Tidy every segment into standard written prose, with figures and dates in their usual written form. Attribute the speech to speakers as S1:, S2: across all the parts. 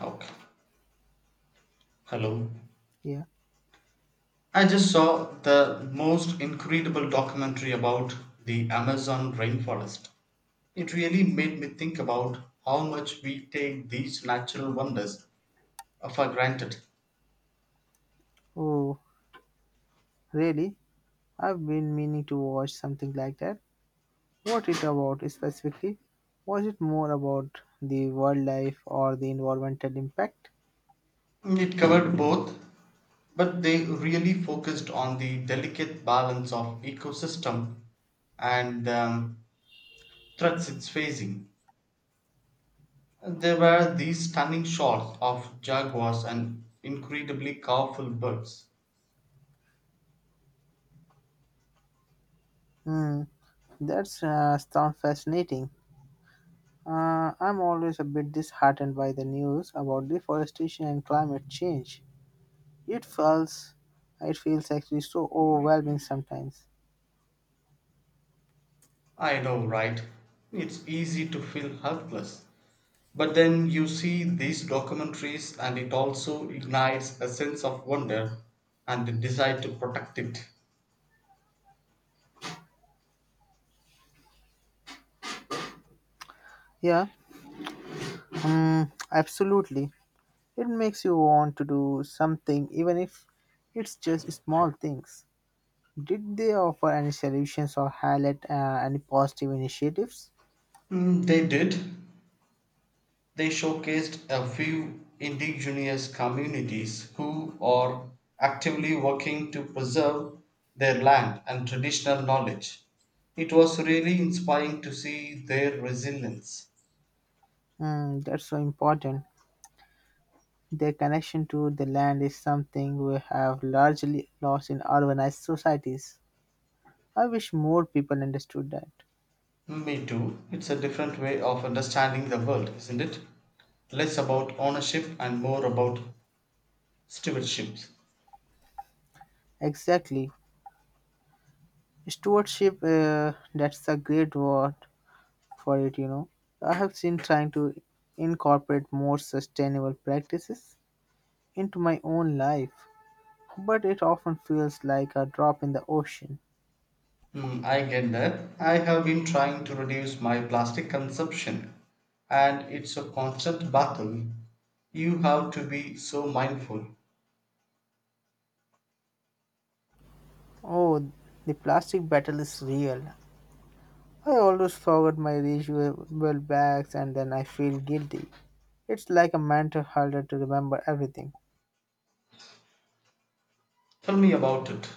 S1: Okay. Hello.
S2: Yeah.
S1: I just saw the most incredible documentary about the Amazon rainforest. It really made me think about how much we take these natural wonders for granted.
S2: Oh, really? I've been meaning to watch something like that. What it about specifically? Was it more about the wildlife or the environmental impact?
S1: It covered both, but they really focused on the delicate balance of ecosystem and threats it's facing. There were these stunning shots of jaguars and incredibly powerful birds.
S2: Hmm. That's sound fascinating. I'm always a bit disheartened by the news about deforestation and climate change. It feels, it feels actually so overwhelming sometimes.
S1: I know, right? It's easy to feel helpless. But then you see these documentaries, and it also ignites a sense of wonder and the desire to protect it.
S2: Yeah, absolutely. It makes you want to do something, even if it's just small things. Did they offer any solutions or highlight any positive initiatives?
S1: Mm, they did. They showcased a few indigenous communities who are actively working to preserve their land and traditional knowledge. It was really inspiring to see their resilience.
S2: Hmm, that's so important. Their connection to the land is something we have largely lost in urbanized societies. I wish more people understood that.
S1: Me too. It's a different way of understanding the world, isn't it? Less about ownership and more about stewardship.
S2: Exactly. Stewardship, that's a great word for it. I have seen trying to incorporate more sustainable practices into my own life, but it often feels like a drop in the ocean.
S1: Hmm, I get that. I have been trying to reduce my plastic consumption, and it's a constant battle. You have to be so mindful.
S2: Oh, the plastic battle is real. I always forget my reusable bags and then I feel guilty. It's like a mental harder to remember everything.
S1: Tell me about it.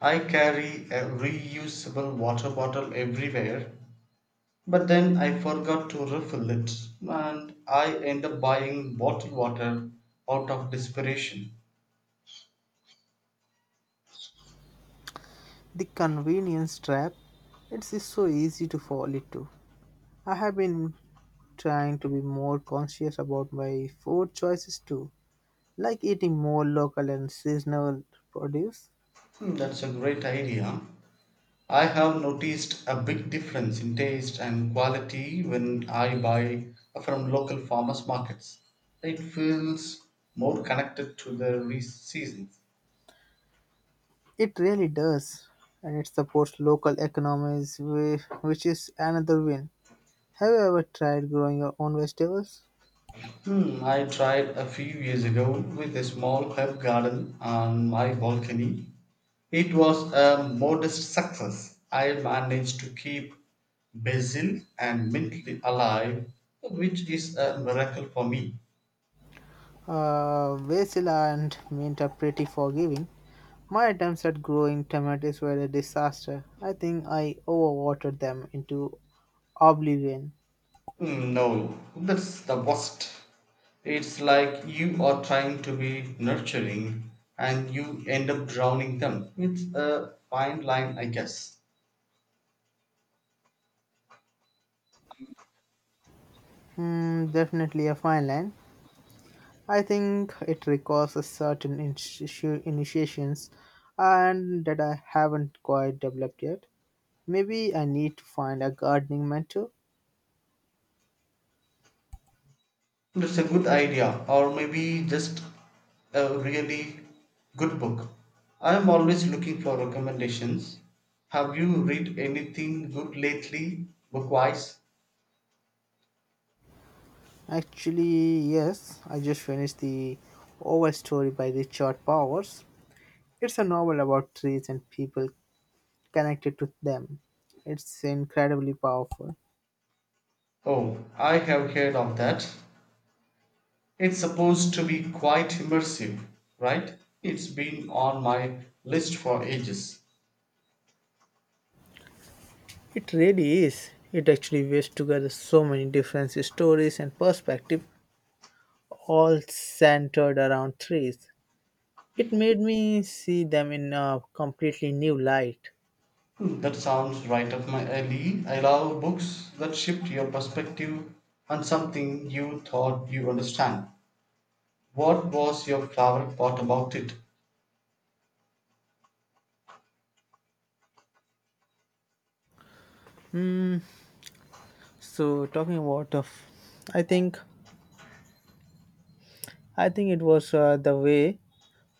S1: I carry a reusable water bottle everywhere, but then I forgot to refill it, and I end up buying bottled water out of desperation.
S2: The convenience trap, it's just so easy to fall into. I have been trying to be more conscious about my food choices too, like eating more local and seasonal produce.
S1: Hmm, that's a great idea. I have noticed a big difference in taste and quality when I buy from local farmers markets. It feels more connected to the seasons.
S2: It really does, and it supports local economies, which is another win. Have you ever tried growing your own vegetables?
S1: Hmm, I tried a few years ago with a small herb garden on my balcony. It was a modest success. I managed to keep basil and mint alive, which is a miracle for me.
S2: Basil and mint are pretty forgiving. My attempts at growing tomatoes were a disaster. I think I overwatered them into oblivion.
S1: Hmm, no, that's the worst. It's like you are trying to be nurturing and you end up drowning them. It's a fine line, I guess.
S2: Hmm, definitely a fine line. I think it requires a certain initiations and that I haven't quite developed yet. Maybe I need to find a gardening mentor.
S1: It's a good idea, or maybe just a really good book. I am always looking for recommendations. Have you read anything good lately, bookwise?
S2: Actually, yes, I just finished The Oval Story by Richard Powers. It's a novel about trees and people connected to them. It's incredibly powerful.
S1: Oh, I have heard of that. It's supposed to be quite immersive, right? It's been on my list for ages.
S2: It really is. It actually weaves together so many different stories and perspectives, all centered around trees. It made me see them in a completely new light.
S1: Hmm, that sounds right up my alley. I love books that shift your perspective on something you thought you understand. What was your favorite part about it?
S2: Mm, so, talking about, I think, I think it was the way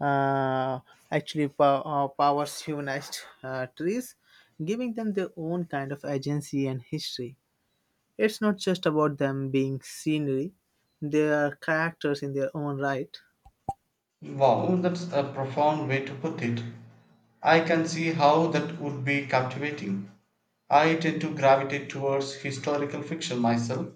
S2: uh, actually powers humanized trees, giving them their own kind of agency and history. It's not just about them being scenery, they are characters in their own right.
S1: Wow, that's a profound way to put it. I can see how that would be captivating. I tend to gravitate towards historical fiction myself.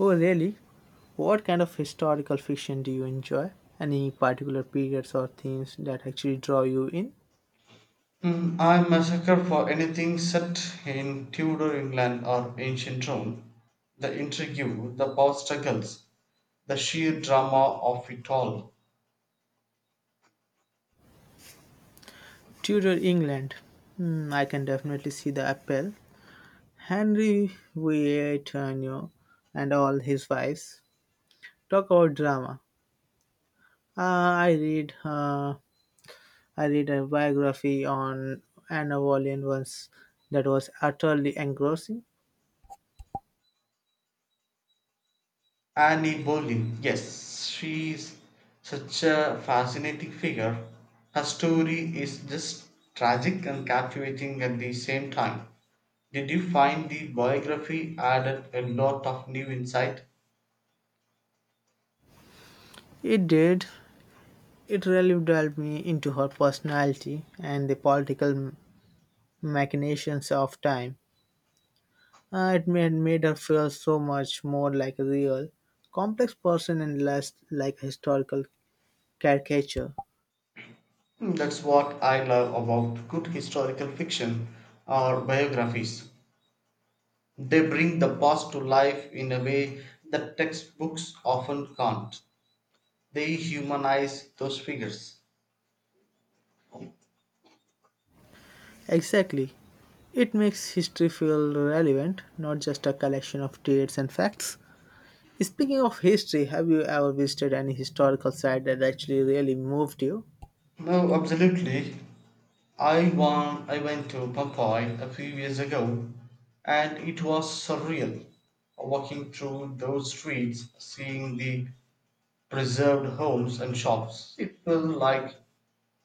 S2: Oh, really? What kind of historical fiction do you enjoy? Any particular periods or themes that actually draw you in?
S1: Hmm, I'm a sucker for anything set in Tudor England or ancient Rome. The intrigue, the power struggles, the sheer drama of it all.
S2: Tudor England. Hmm, I can definitely see the appeal. Henry Vietanio and all his wives. Talk about drama. Uh, I read uh, I read a biography on Anna Wallin once that was utterly engrossing.
S1: Annie Boleyn. Yes, she is such a fascinating figure. Her story is just tragic and captivating at the same time. Did you find the biography added a lot of new insight?
S2: It did. It really delved me into her personality and the political machinations of time. It made her feel so much more like a real, complex person and less like a historical caricature.
S1: Hmm, that's what I love about good historical fiction or biographies. They bring the past to life in a way that textbooks often can't. They humanize those figures.
S2: Exactly. It makes history feel relevant, not just a collection of dates and facts. Speaking of history, have you ever visited any historical site that actually really moved you?
S1: No, absolutely. I went to Pompeii a few years ago and it was surreal walking through those streets, seeing the preserved homes and shops. It felt like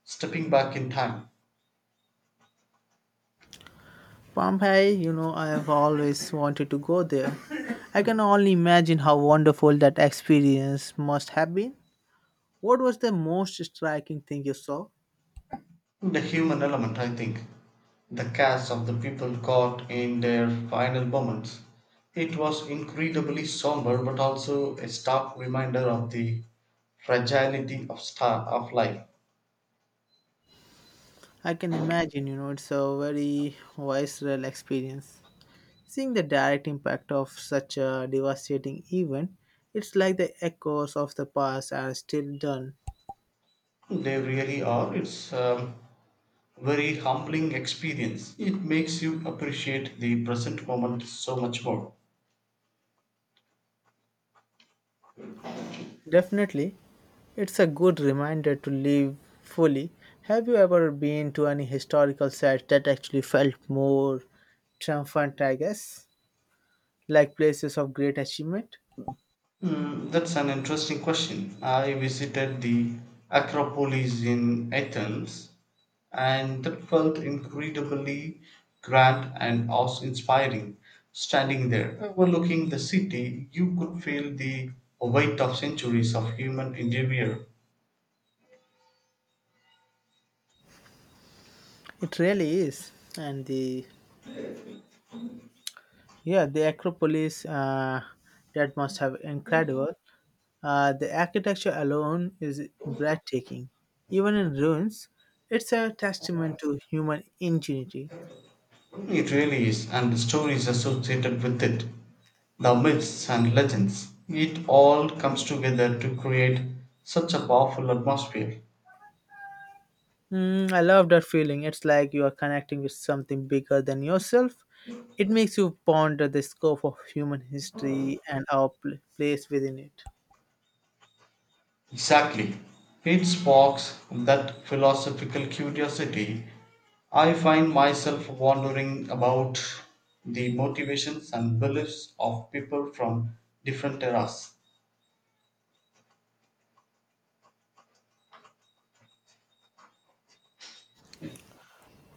S1: stepping back in time.
S2: Pompeii, you know, I have always wanted to go there. I can only imagine how wonderful that experience must have been. What was the most striking thing you saw?
S1: The human element, I think. The cast of the people caught in their final moments. It was incredibly somber but also a stark reminder of the fragility of star of life.
S2: I can imagine, you know, it's a very visceral experience. Seeing the direct impact of such a devastating event, it's like the echoes of the past are still done.
S1: They really are. It's very humbling experience. It makes you appreciate the present moment so much more.
S2: Definitely, it's a good reminder to live fully. Have you ever been to any historical site that actually felt more triumphant, I guess? Like places of great achievement?
S1: Hmm, that's an interesting question. I visited the Acropolis in Athens, and that felt incredibly grand and awe-inspiring. Standing there, overlooking the city, you could feel the weight of centuries of human endeavor.
S2: It really is. And the yeah, the Acropolis that must have incredible. The architecture alone is breathtaking. Even in ruins, it's a testament to human ingenuity.
S1: It really is, and the stories associated with it, the myths and legends, it all comes together to create such a powerful atmosphere.
S2: Mm, I love that feeling. It's like you are connecting with something bigger than yourself. It makes you ponder the scope of human history and our place within it.
S1: Exactly. It sparks that philosophical curiosity. I find myself wondering about the motivations and beliefs of people from different eras.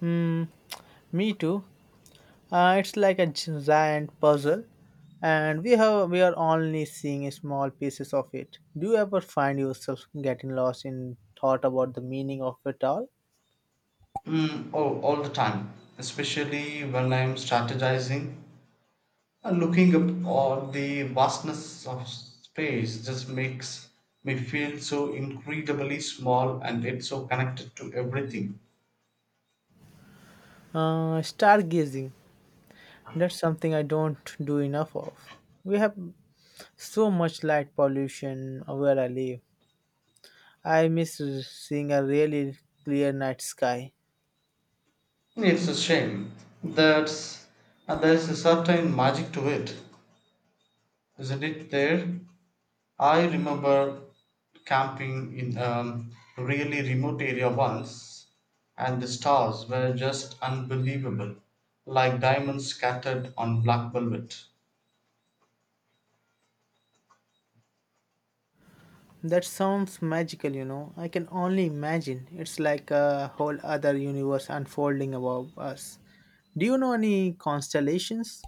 S2: Mm, me too. It's like a giant puzzle, and we are only seeing small pieces of it. Do you ever find yourself getting lost in thought about the meaning of it all?
S1: Mm, oh, all the time, especially when I am strategizing. Looking up all the vastness of space just makes me feel so incredibly small and yet so connected to everything.
S2: Stargazing. That's something I don't do enough of. We have so much light pollution where I live. I miss seeing a really clear night sky.
S1: It's a shame that there's a certain magic to it, isn't it? There, I remember camping in a really remote area once, and the stars were just unbelievable, like diamonds scattered on black velvet.
S2: That sounds magical, you know. I can only imagine. It's like a whole other universe unfolding above us. Do you know any constellations?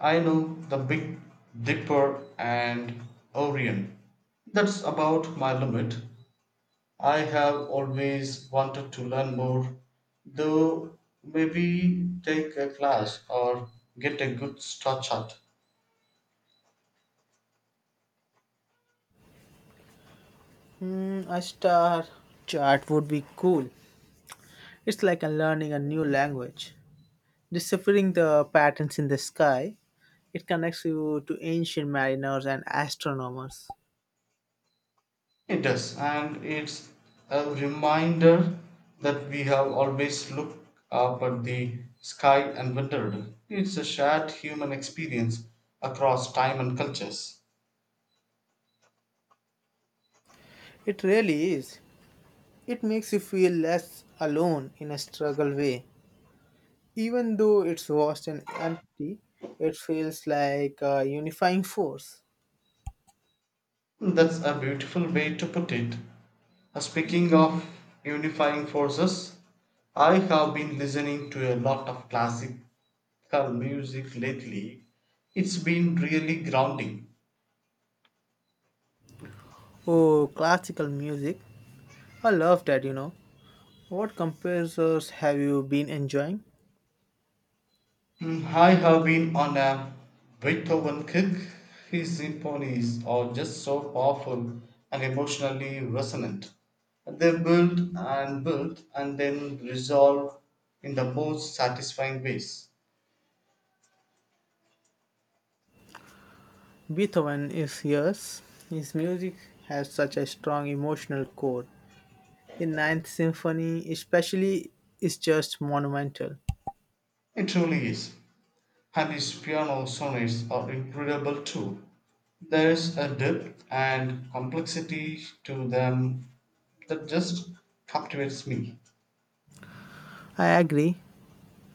S1: I know the Big Dipper and Orion. That's about my limit. I have always wanted to learn more, though, maybe take a class or get a good star chart.
S2: Hmm, a star chart would be cool. It's like a learning a new language. Deciphering the patterns in the sky, it connects you to ancient mariners and astronomers.
S1: It does, and it's a reminder that we have always looked up at the sky and wondered. It's a shared human experience across time and cultures.
S2: It really is. It makes you feel less alone in a struggle way. Even though it's vast and empty, it feels like a unifying force.
S1: That's a beautiful way to put it. Speaking of unifying forces, I have been listening to a lot of classical music lately. It's been really grounding.
S2: Oh, classical music. I love that, you know. What composers have you been enjoying?
S1: Mm, I have been on a Beethoven kick. His symphonies are just so powerful and emotionally resonant. They build and build and then resolve in the most satisfying ways.
S2: Beethoven is yours. His music has such a strong emotional core. The Ninth Symphony, especially, is just monumental.
S1: It truly is. Handy's piano sonnets are incredible too. There is a depth and complexity to them that just captivates me.
S2: I agree.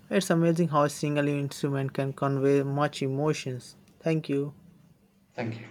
S2: It's amazing how a single instrument can convey much emotions. Thank you.
S1: Thank you.